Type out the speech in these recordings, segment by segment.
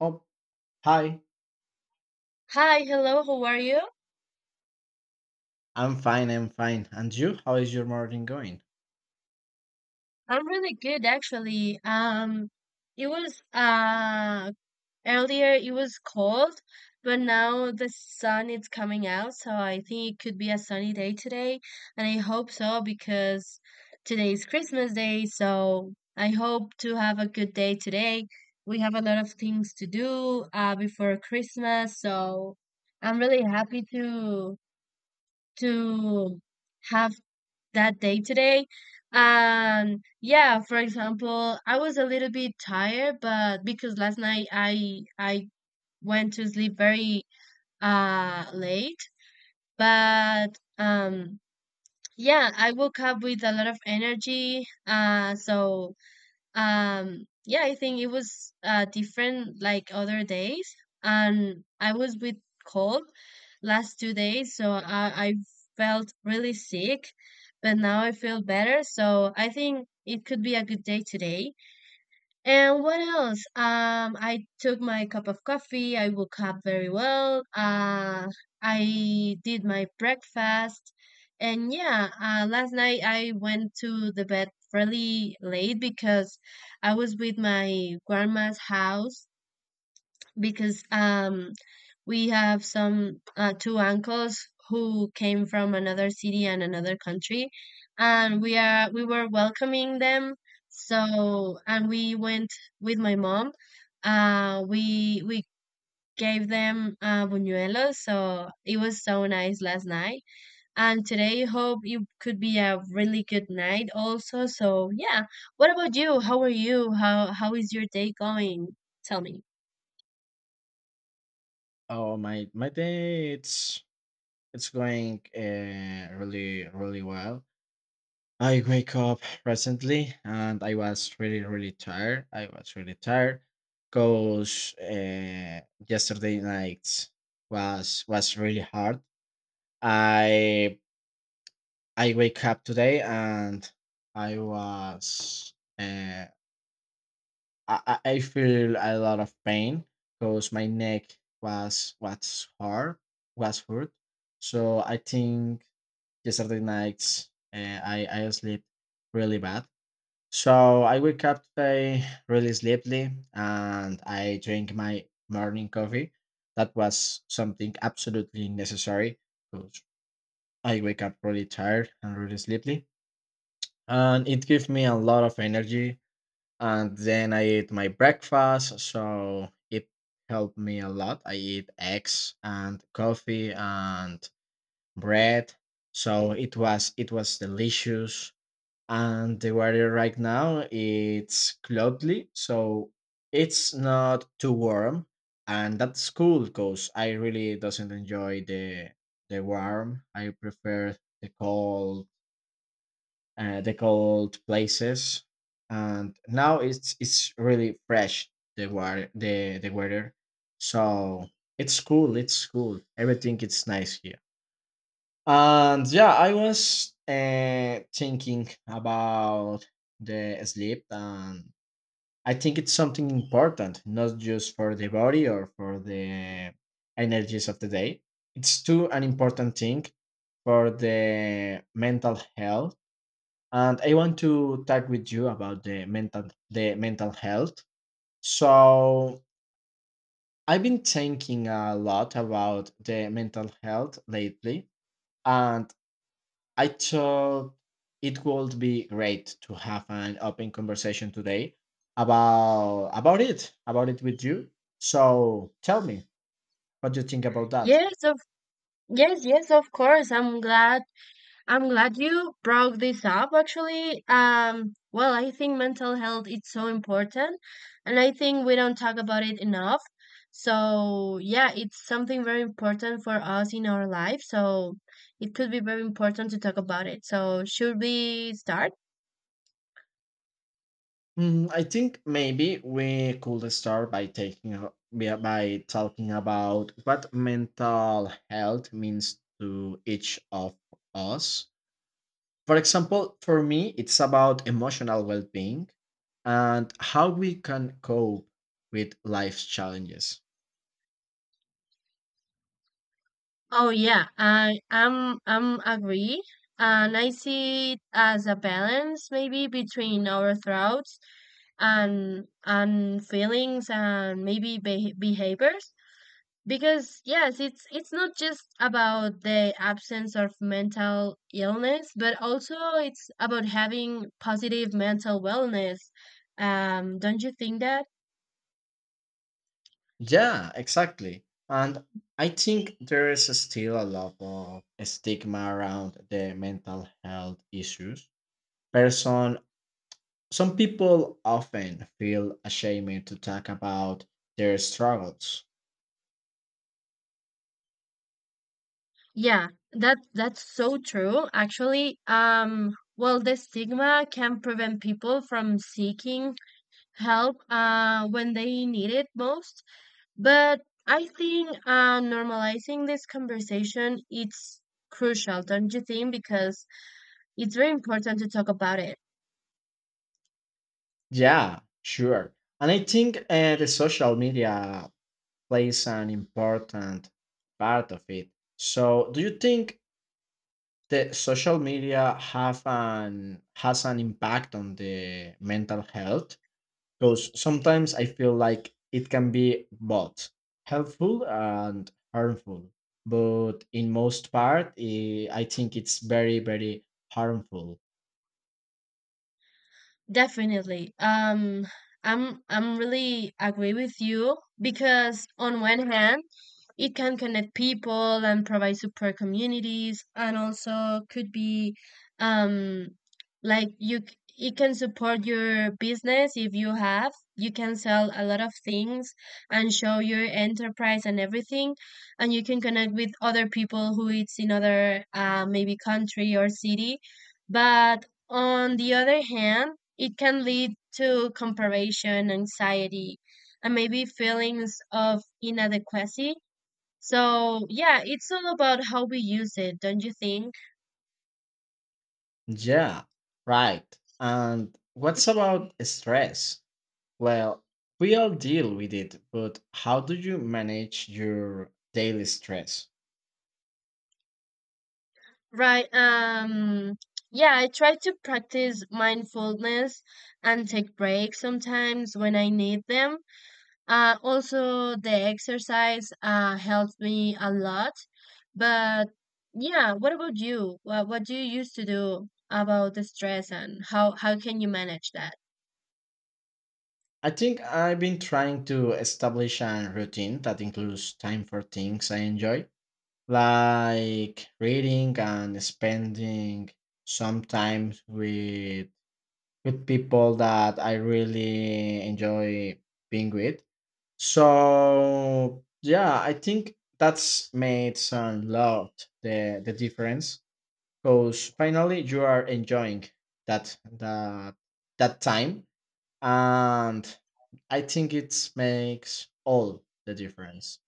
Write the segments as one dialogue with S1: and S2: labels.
S1: Oh, hi.
S2: Hi, hello, how are you?
S1: I'm fine. And you? How is your morning going?
S2: I'm really good actually. It was earlier it was cold, but now the sun is coming out, so I think it could be a sunny day today, and I hope so because today is Christmas Day, so I hope to have a good day today. We have a lot of things to do before Christmas, so I'm really happy to have that day today. And yeah, for example, I was a little bit tired, but because last night I went to sleep very late, but yeah, I woke up with a lot of energy. So yeah, I think it was different like other days, and I was with cold last 2 days, so I felt really sick, but now I feel better, so I think it could be a good day today. And what else? I took my cup of coffee. I woke up very well. I did my breakfast. And yeah, last night I went to the bed really late because I was with my grandma's house because we have some two uncles who came from another city and another country, and we were welcoming them. So and we went with my mom. We gave them buñuelos, so it was so nice last night. And today, hope it could be a really good night also. So yeah, what about you? How are you? How is your day going? Tell me.
S1: Oh, my day it's going really really well. I wake up recently and I was really really tired. I was really tired because yesterday night was really hard. I I wake up today and I was uh, I feel a lot of pain because my neck was was hard was hurt. So I think yesterday nights I sleep really bad. So I wake up today really sleepy and I drink my morning coffee. That was something absolutely necessary because I wake up really tired and really sleepy, and it gave me a lot of energy and then I eat my breakfast, so it helped me a lot. I eat eggs and coffee and bread, so it was delicious. And the weather right now it's cloudy, so it's not too warm, and that's cool because I really doesn't enjoy the warm. I prefer the cold the cold places, and now it's really fresh the water the weather, so it's cool. It's cool. Everything it's nice here. And yeah, I was thinking about the sleep, and I think it's something important, not just for the body or for the energies of the day. It's too an important thing for the mental health, and I want to talk with you about the mental health. So I've been thinking a lot about the mental health lately, and I thought it would be great to have an open conversation today about it with you. So tell me what you think about that.
S2: Yes, of yes, yes, of course. I'm glad you brought this up actually. Well, I think mental health is so important, and I think we don't talk about it enough. So, yeah, it's something very important for us in our life. So, it could be very important to talk about it. So, should we start?
S1: I think maybe we could start by by talking about what mental health means to each of us. For example, for me, it's about emotional well-being and how we can cope with life's challenges.
S2: Oh yeah, I'm agree, and I see it as a balance maybe between our thoughts and feelings and maybe behaviors. Because yes, it's not just about the absence of mental illness, but also it's about having positive mental wellness. Don't you think that?
S1: Yeah, exactly. And I think there is still a lot of stigma around the mental health issues. Person Some people often feel ashamed to talk about their struggles.
S2: That's so true actually. Well, the stigma can prevent people from seeking help when they need it most, but I think normalizing this conversation, it's crucial, don't you think? Because it's very important to talk about it.
S1: Yeah, sure. And I think the social media plays an important part of it. So, do you think the social media have an has an impact on the mental health? Because sometimes I feel like it can be both helpful and harmful. But in most part, I think it's very, very harmful.
S2: Definitely. I'm really agree with you because on one hand, it can connect people and provide support communities, and also could be, um, like you c- it can support your business if you have. You can sell a lot of things and show your enterprise and everything, and you can connect with other people who it's in other maybe country or city. But on the other hand, it can lead to comparison, anxiety, and maybe feelings of inadequacy. So yeah, it's all about how we use it, don't you think?
S1: Yeah, right. And what's about stress? Well, we all deal with it, but how do you manage your daily stress?
S2: Right. Yeah, I try to practice mindfulness and take breaks sometimes when I need them. Also the exercise helps me a lot. But yeah, what about you? What do you used to do about the stress, and how can you manage that?
S1: I think I've been trying to establish a routine that includes time for things I enjoy like reading and spending some time with people that I really enjoy being with. So yeah, I think that's made some lot the difference because finally you are enjoying that that that time, and I think it makes all the difference.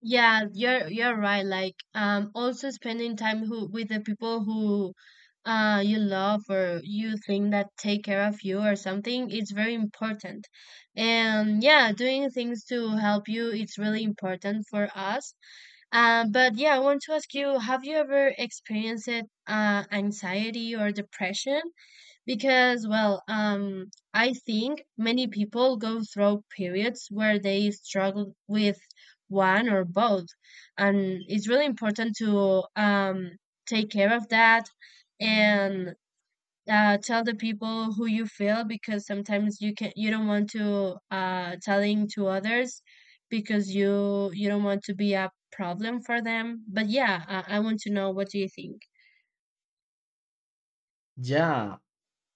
S2: Yeah, you're right. Like also spending time who with the people who you love or you think that take care of you or something, it's very important. And yeah, doing things to help you, it's really important for us. But yeah, I want to ask you, have you ever experienced anxiety or depression? Because I think many people go through periods where they struggle with one or both, and it's really important to take care of that, and tell the people who you feel because sometimes you don't want to telling to others because you don't want to be a problem for them. But I want to know what do you think.
S1: Yeah,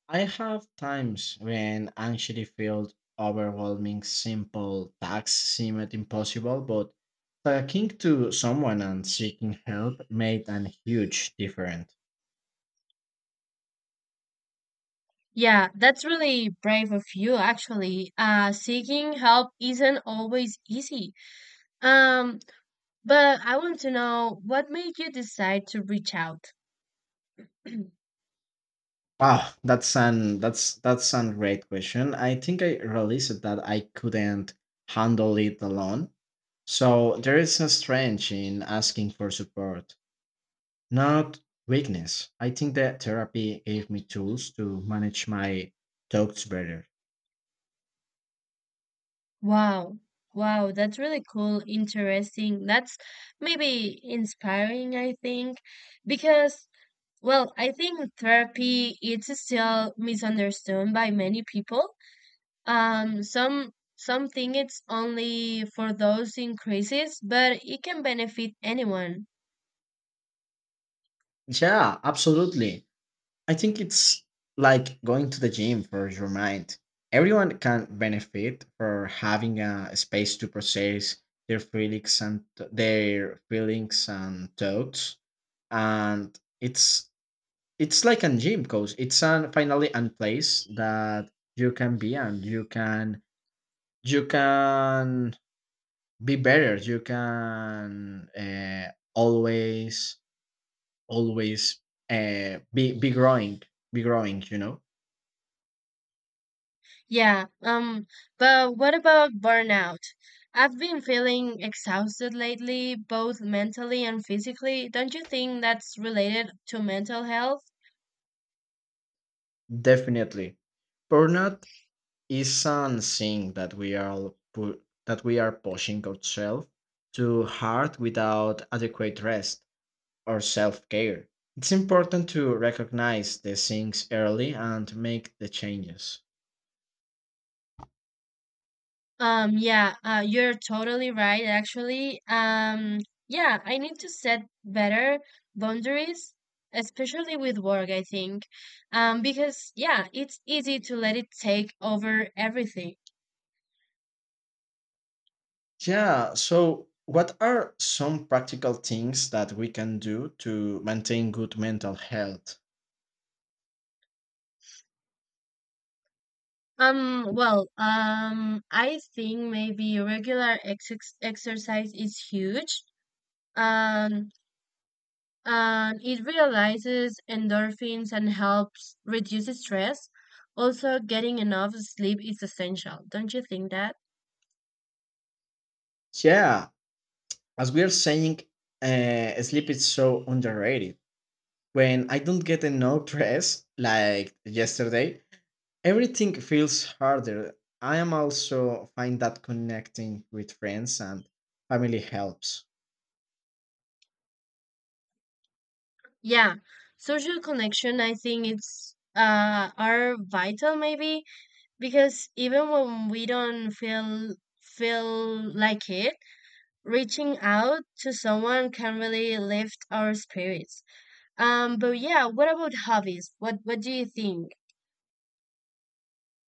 S1: I have times when anxiety felt overwhelming, simple tasks seemed impossible, but talking to someone and seeking help made a huge difference.
S2: Yeah, that's really brave of you, actually. Seeking help isn't always easy. Um, but I want to know what made you decide to reach out?
S1: Wow, that's an that's a great question. I think I realized that I couldn't handle it alone. So there is a strength in asking for support, not weakness. I think that therapy gave me tools to manage my thoughts better.
S2: Wow. Wow, that's really cool, interesting. That's maybe inspiring, I think, because, well, I think therapy it's still misunderstood by many people. Some think it's only for those increases, but it can benefit anyone.
S1: Yeah, absolutely. I think it's like going to the gym for your mind. Everyone can benefit for having a space to process their feelings and their feelings and thoughts. And it's like a gym coach. It's an finally a place that you can be, and you can be better. You can always be growing. You know,
S2: Yeah. But what about burnout? I've been feeling exhausted lately, both mentally and physically. Don't you think that's related to mental health?
S1: definitely. Burnout is something that we are pushing ourselves too hard without adequate rest or self care. It's important to recognize the things early and make the changes.
S2: Yeah, you're totally right, actually. Yeah, I need to set better boundaries, especially with work, I think. Because yeah, it's easy to let it take over everything.
S1: Yeah, so what are some practical things that we can do to maintain good mental health?
S2: I think maybe regular ex exercise is huge. Um, and it realizes endorphins and helps reduce stress. Also, getting enough sleep is essential. Don't you think that?
S1: Yeah, as we are saying, sleep is so underrated. When I don't get enough rest, like yesterday, everything feels harder. I am also find that connecting with friends and family helps.
S2: Yeah, social connection, I think it's are vital maybe because even when we don't feel like it, reaching out to someone can really lift our spirits. But yeah, what about hobbies? What do you think?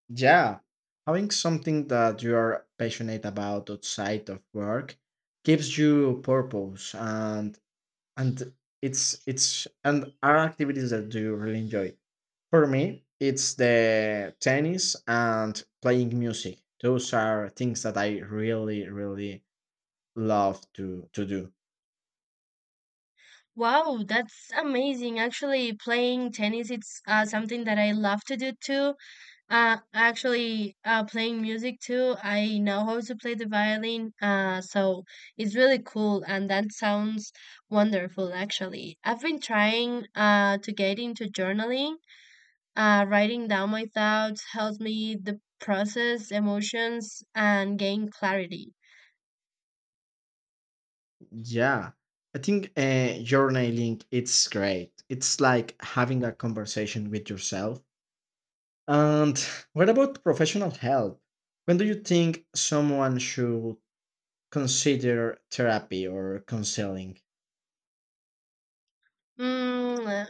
S1: Yeah, having something that you are passionate about outside of work gives you purpose and it's and are activities that you really enjoy. For me, it's the tennis and playing music. Those are things that I really, really love to do.
S2: Wow, that's amazing. Actually, playing tennis it's something that I love to do too. Actually, playing music too. I know how to play the violin, so it's really cool, and that sounds wonderful, actually. I've been trying to get into journaling. Writing down my thoughts helps me the process emotions and gain clarity.
S1: Yeah, I think journaling it's great. It's like having a conversation with yourself. And what about professional help? When do you think someone should consider therapy or counseling?
S2: Mm,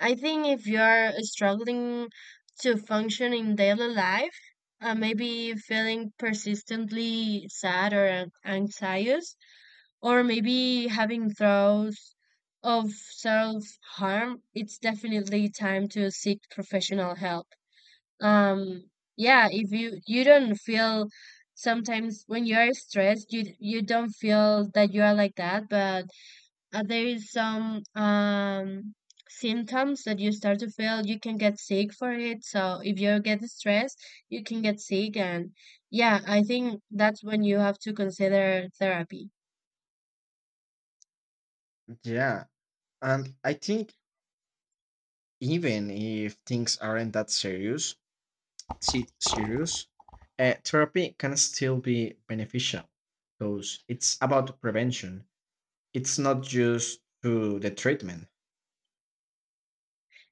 S2: I think if you're struggling to function in daily life, maybe feeling persistently sad or anxious, or maybe having thoughts of self harm, it's definitely time to seek professional help. Um, yeah, if you don't feel sometimes when you are stressed, you don't feel that you are like that, but there is some symptoms that you start to feel. You can get sick for it. So if you get stressed, you can get sick, and yeah, I think that's when you have to consider therapy.
S1: Yeah, and I think even if things aren't that serious, therapy can still be beneficial because it's about prevention. It's not just to the treatment.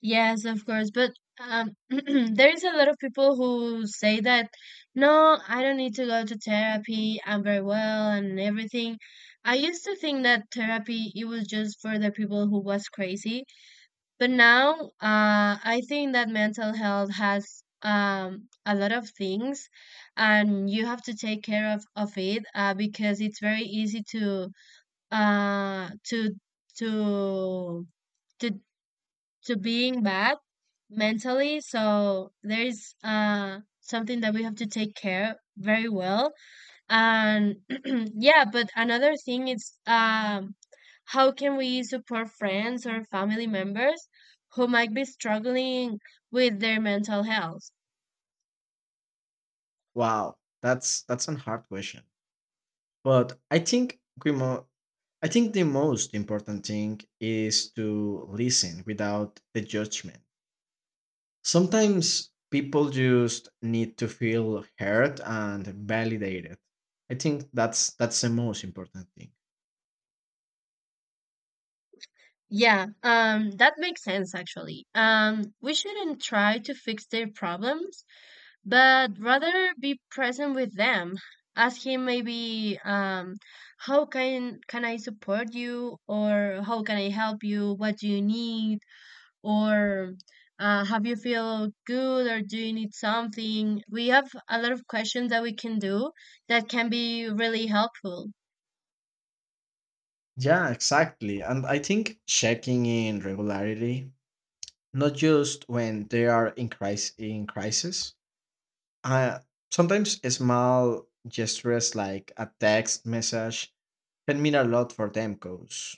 S2: Yes, of course. But there is a lot of people who say that, no, I don't need to go to therapy. I'm very well and everything. I used to think that therapy it was just for the people who was crazy, but now I think that mental health has a lot of things, and you have to take care of it, because it's very easy to uh, to to to being bad mentally. So there is something that we have to take care very well. And yeah, but another thing is, how can we support friends or family members who might be struggling with their mental health?
S1: Wow, that's a hard question. But I think the most important thing is to listen without the judgment. Sometimes people just need to feel heard and validated. I think that's the most important thing.
S2: Yeah, that makes sense actually. We shouldn't try to fix their problems, but rather be present with them. Ask him maybe, how can I support you, or how can I help you? What do you need, or have you feel good, or do you need something? We have a lot of questions that we can do that can be really helpful.
S1: Yeah, exactly. And I think checking in regularly, not just when they are in crisis. Uh, sometimes a small gestures like a text message can mean a lot for them because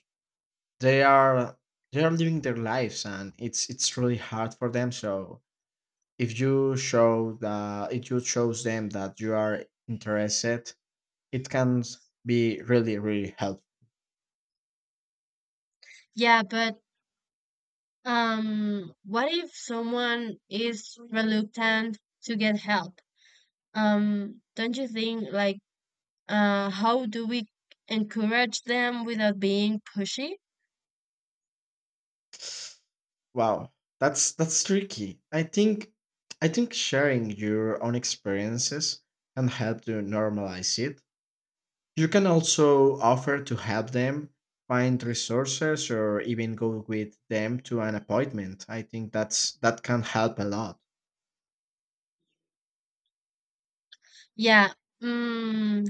S1: they are they are living their lives, and it's really hard for them. So if you shows them that you are interested, it can be really really helpful.
S2: Yeah, but what if someone is reluctant to get help? Don't you think like how do we encourage them without being pushy?
S1: Wow, that's tricky. I think sharing your own experiences can help to normalize it. You can also offer to help them find resources or even go with them to an appointment. I think that can help a lot.
S2: Yeah, mm,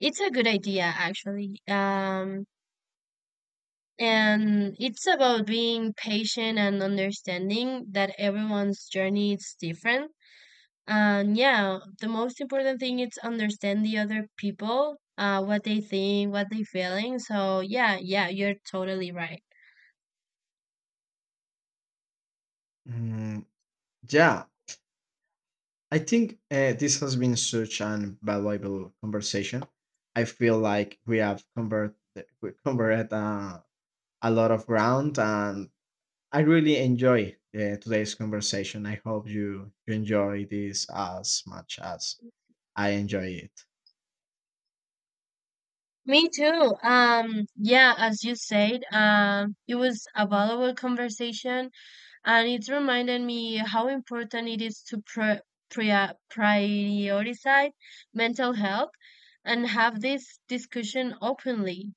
S2: it's a good idea actually. And it's about being patient and understanding that everyone's journey is different. And yeah, the most important thing is understand the other people, what they think, what they feeling. So yeah, yeah, you're totally right.
S1: Mm, yeah, I think this has been such an valuable conversation. I feel like we covered a lot of ground, and I really enjoy today's conversation. I hope you enjoy this as much as I enjoy it.
S2: Me too. Yeah, as you said, it was a valuable conversation. And it's reminded me how important it is to pri prioritize mental health and have this discussion openly.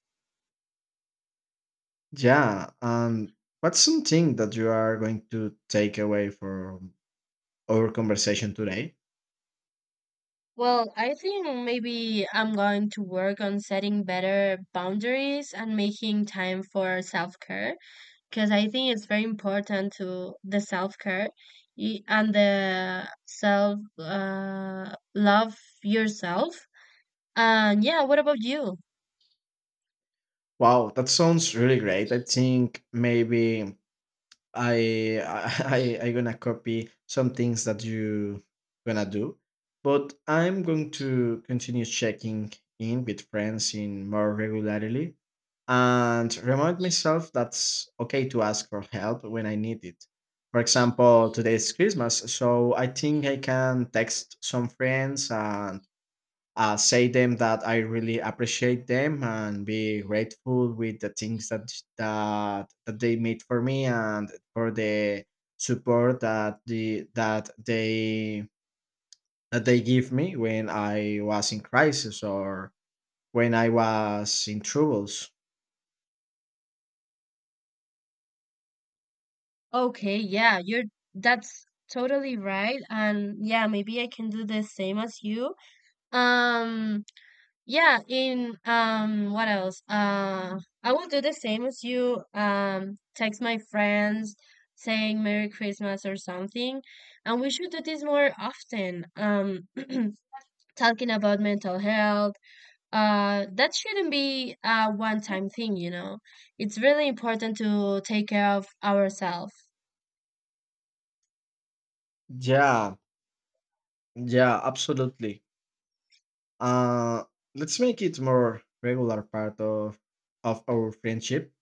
S1: Yeah. What's something that you are going to take away from our conversation today?
S2: Well, I think maybe I'm going to work on setting better boundaries and making time for self-care because I think it's very important to the self-care and the self love yourself. And yeah, what about you?
S1: Wow, that sounds really great. I think maybe I I I gonna copy some things that you gonna do, but I'm going to continue checking in with friends in more regularly, and remind myself that's okay to ask for help when I need it. For example, today is Christmas, so I think I can text some friends and say them that I really appreciate them and be grateful with the things that they made for me and for the support that they give me when I was in crisis or when I was in troubles.
S2: Okay, yeah, you're that's totally right. And yeah, maybe I can do the same as you. Um, yeah, in what else? I will do the same as you. Text my friends saying Merry Christmas or something. And we should do this more often. Talking about mental health. That shouldn't be a one-time thing, you know. It's really important to take care of ourselves.
S1: Yeah, yeah, absolutely. Uh, let's make it more regular part of our friendship.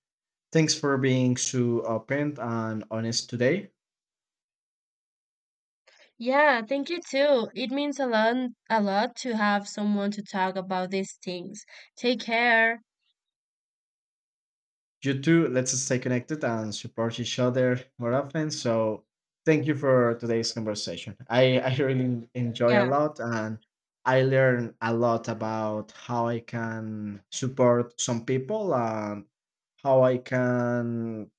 S1: Thanks for being so open and honest today.
S2: Yeah, thank you too. It means a lot to have someone to talk about these things. Take care.
S1: You too. Let's stay connected and support each other more often. So, thank you for today's conversation. I really enjoy a
S2: Yeah,
S1: lot, and I learn a lot about how I can support some people and how I can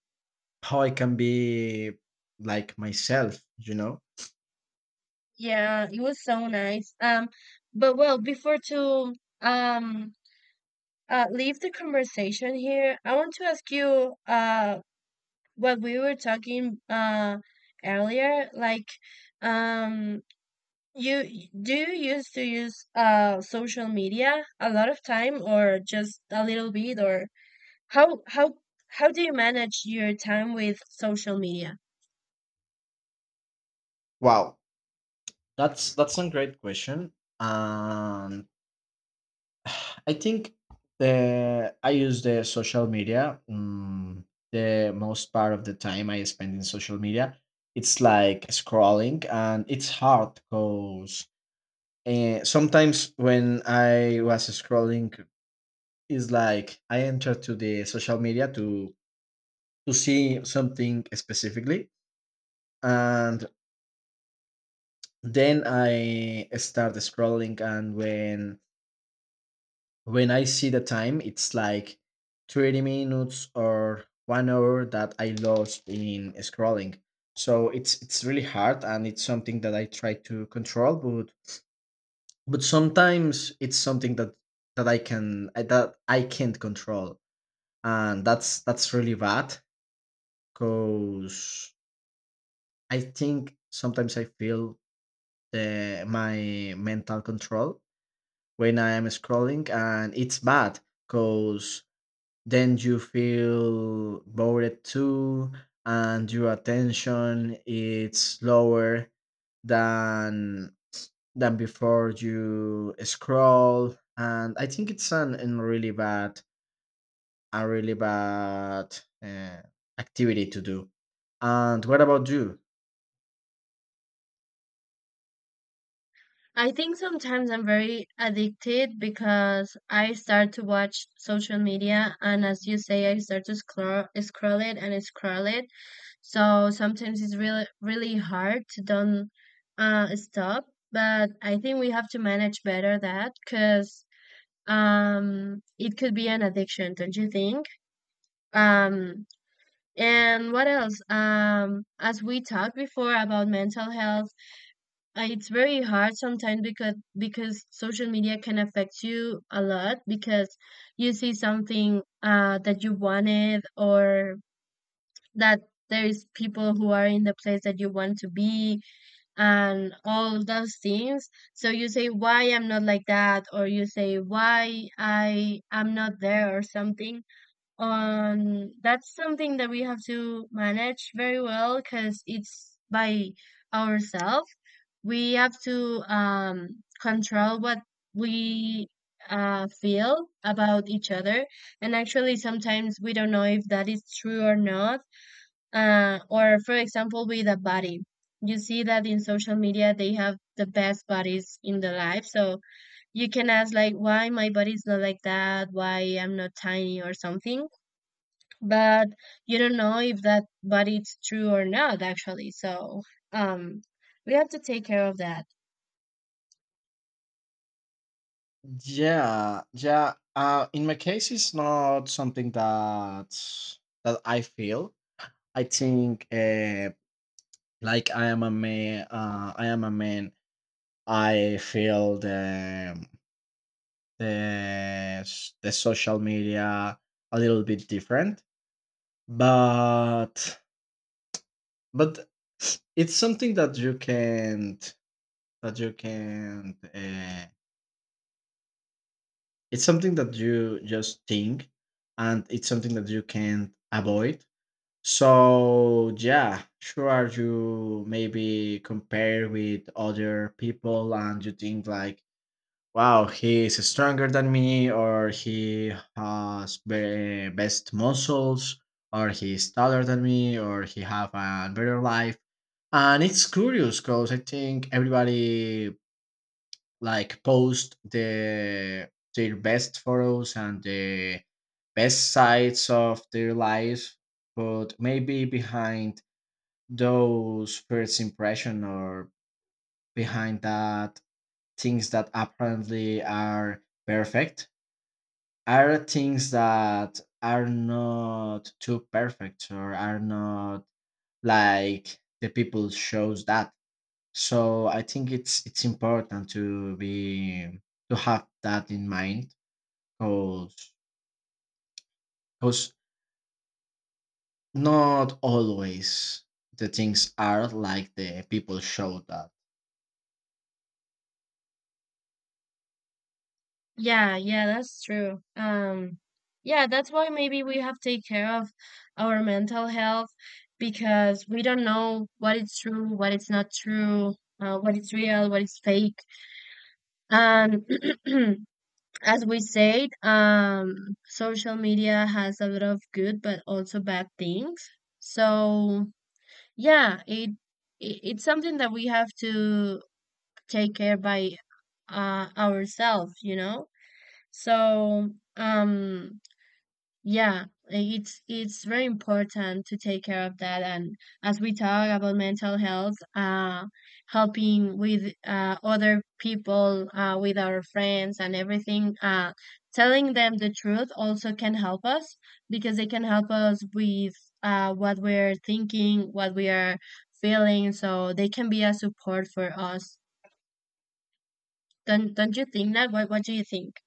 S1: how I can be like myself, you know?
S2: yeah, it was so nice. But well, before to um leave the conversation here, I want to ask you what we were talking earlier, like um you do you used to use social media a lot of time or just a little bit, or How how how do you manage your time with social media?
S1: Wow. That's a great question. And I think the I use the social media. The most part of the time I spend in social media, it's like scrolling, and it's hard because sometimes when I was scrolling, it's like I enter to the social media to see something specifically, and then I start scrolling, and when I see the time, it's like 30 minutes or one hour that I lost in scrolling. So it's really hard, and it's something that I try to control, but sometimes it's something that I can't control. And that's really bad, because I think sometimes I feel the my mental control when I am scrolling, and it's bad because then you feel bored too, and your attention is lower than than before you scroll, and I think it's an really bad a really bad uh, activity to do. And what about you?
S2: I think sometimes I'm very addicted because I start to watch social media, and as you say, I start to scroll it and scroll it. So sometimes it's really really hard to don't stop, but I think we have to manage better that cuz it could be an addiction, don't you think? Um And what else? As we talked before about mental health, it's very hard sometimes because social media can affect you a lot because you see something that you wanted, or that there is people who are in the place that you want to be, and all those things. So you say why I'm not like that, or you say why I am not there or something. That's something that we have to manage very well because it's by ourselves we have to control what we feel about each other. And actually sometimes we don't know if that is true or not, or for example with a body, you see that in social media they have the best bodies in the life, so you can ask like why my body is not like that, why I'm not tiny or something. But you don't know if that but it's true or not actually. So um we have to take care of that.
S1: Yeah, yeah, in my case it's not something that I feel. I think like I am a man. I feel the social media a little bit different, but but it's something that you can't. It's something that you just think, and it's something that you can't avoid. So yeah, sure you maybe compare with other people and you think like, Wow, he's stronger than me, or he has best muscles, or he's taller than me, or he have a better life. And it's curious because I think everybody like post their best photos and the best sides of their lives, but maybe behind those first impression or behind that things that apparently are perfect are things that are not too perfect, or are not like the people shows that. So I think it's important to have that in mind, because because not always the things are like the people show that.
S2: Yeah, yeah, that's true. Yeah, that's why maybe we have to take care of our mental health because we don't know what is true, what is not true, what is real, what is fake. And as we said, social media has a lot of good but also bad things. So yeah, it it's something that we have to take care by ourselves, you know? So, um yeah, it's very important to take care of that. And as we talk about mental health, helping with other people, with our friends and everything, telling them the truth also can help us because they can help us with what we're thinking, what we are feeling. So they can be a support for us. Don't you think that? What do you think?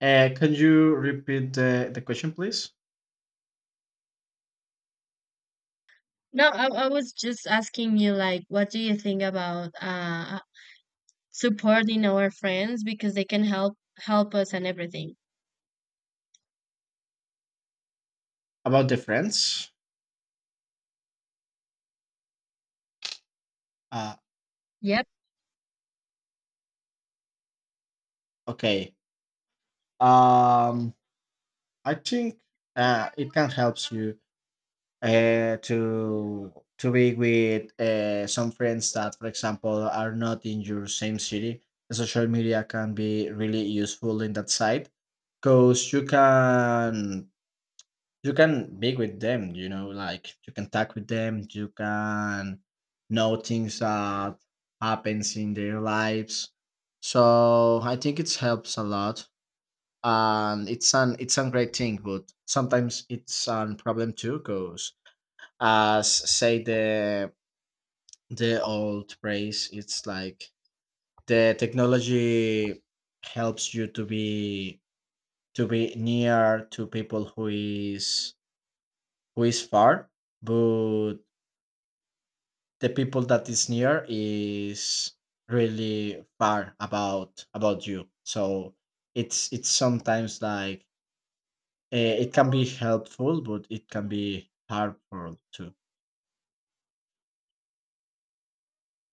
S1: Can you repeat the question please?
S2: No, I was just asking you, like, what do you think about supporting our friends because they can help us and everything.
S1: About the friends, uh
S2: Yep.
S1: okay, um I think it can help you to be with some friends that, for example, are not in your same city. The social media can be really useful in that side because you can be with them. Like you can talk with them. You can know things that happens in their lives. So I think it helps a lot. And it's a great thing, but sometimes it's a problem too, because as say the old phrase it's like the technology helps you to be near to people who is far, but the people that is near is really far about you, so it's sometimes like, it can be helpful, but it can be harmful too.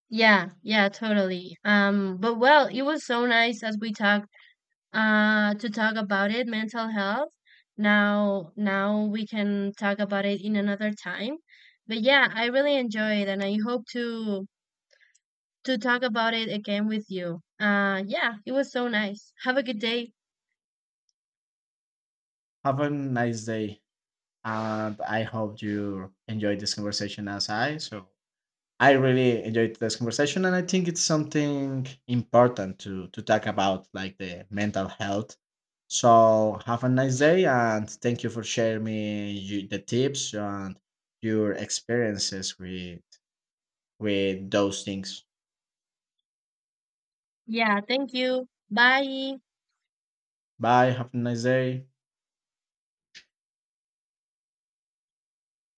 S2: Yeah, yeah, totally. But well, it was so nice as we talked to talk about it, mental health. Now we can talk about it in another time. But yeah, I really enjoyed and I hope to talk about it again with you. Yeah, it was so nice. Have a good day.
S1: Have a nice day, and I hope you enjoyed this conversation as I. So I really enjoyed this conversation, and I think it's something important to talk about, like the mental health. So have a nice day, and thank you for sharing me you, the tips and your experiences with those things.
S2: Yeah, thank you. Bye.
S1: Bye. Have a nice day.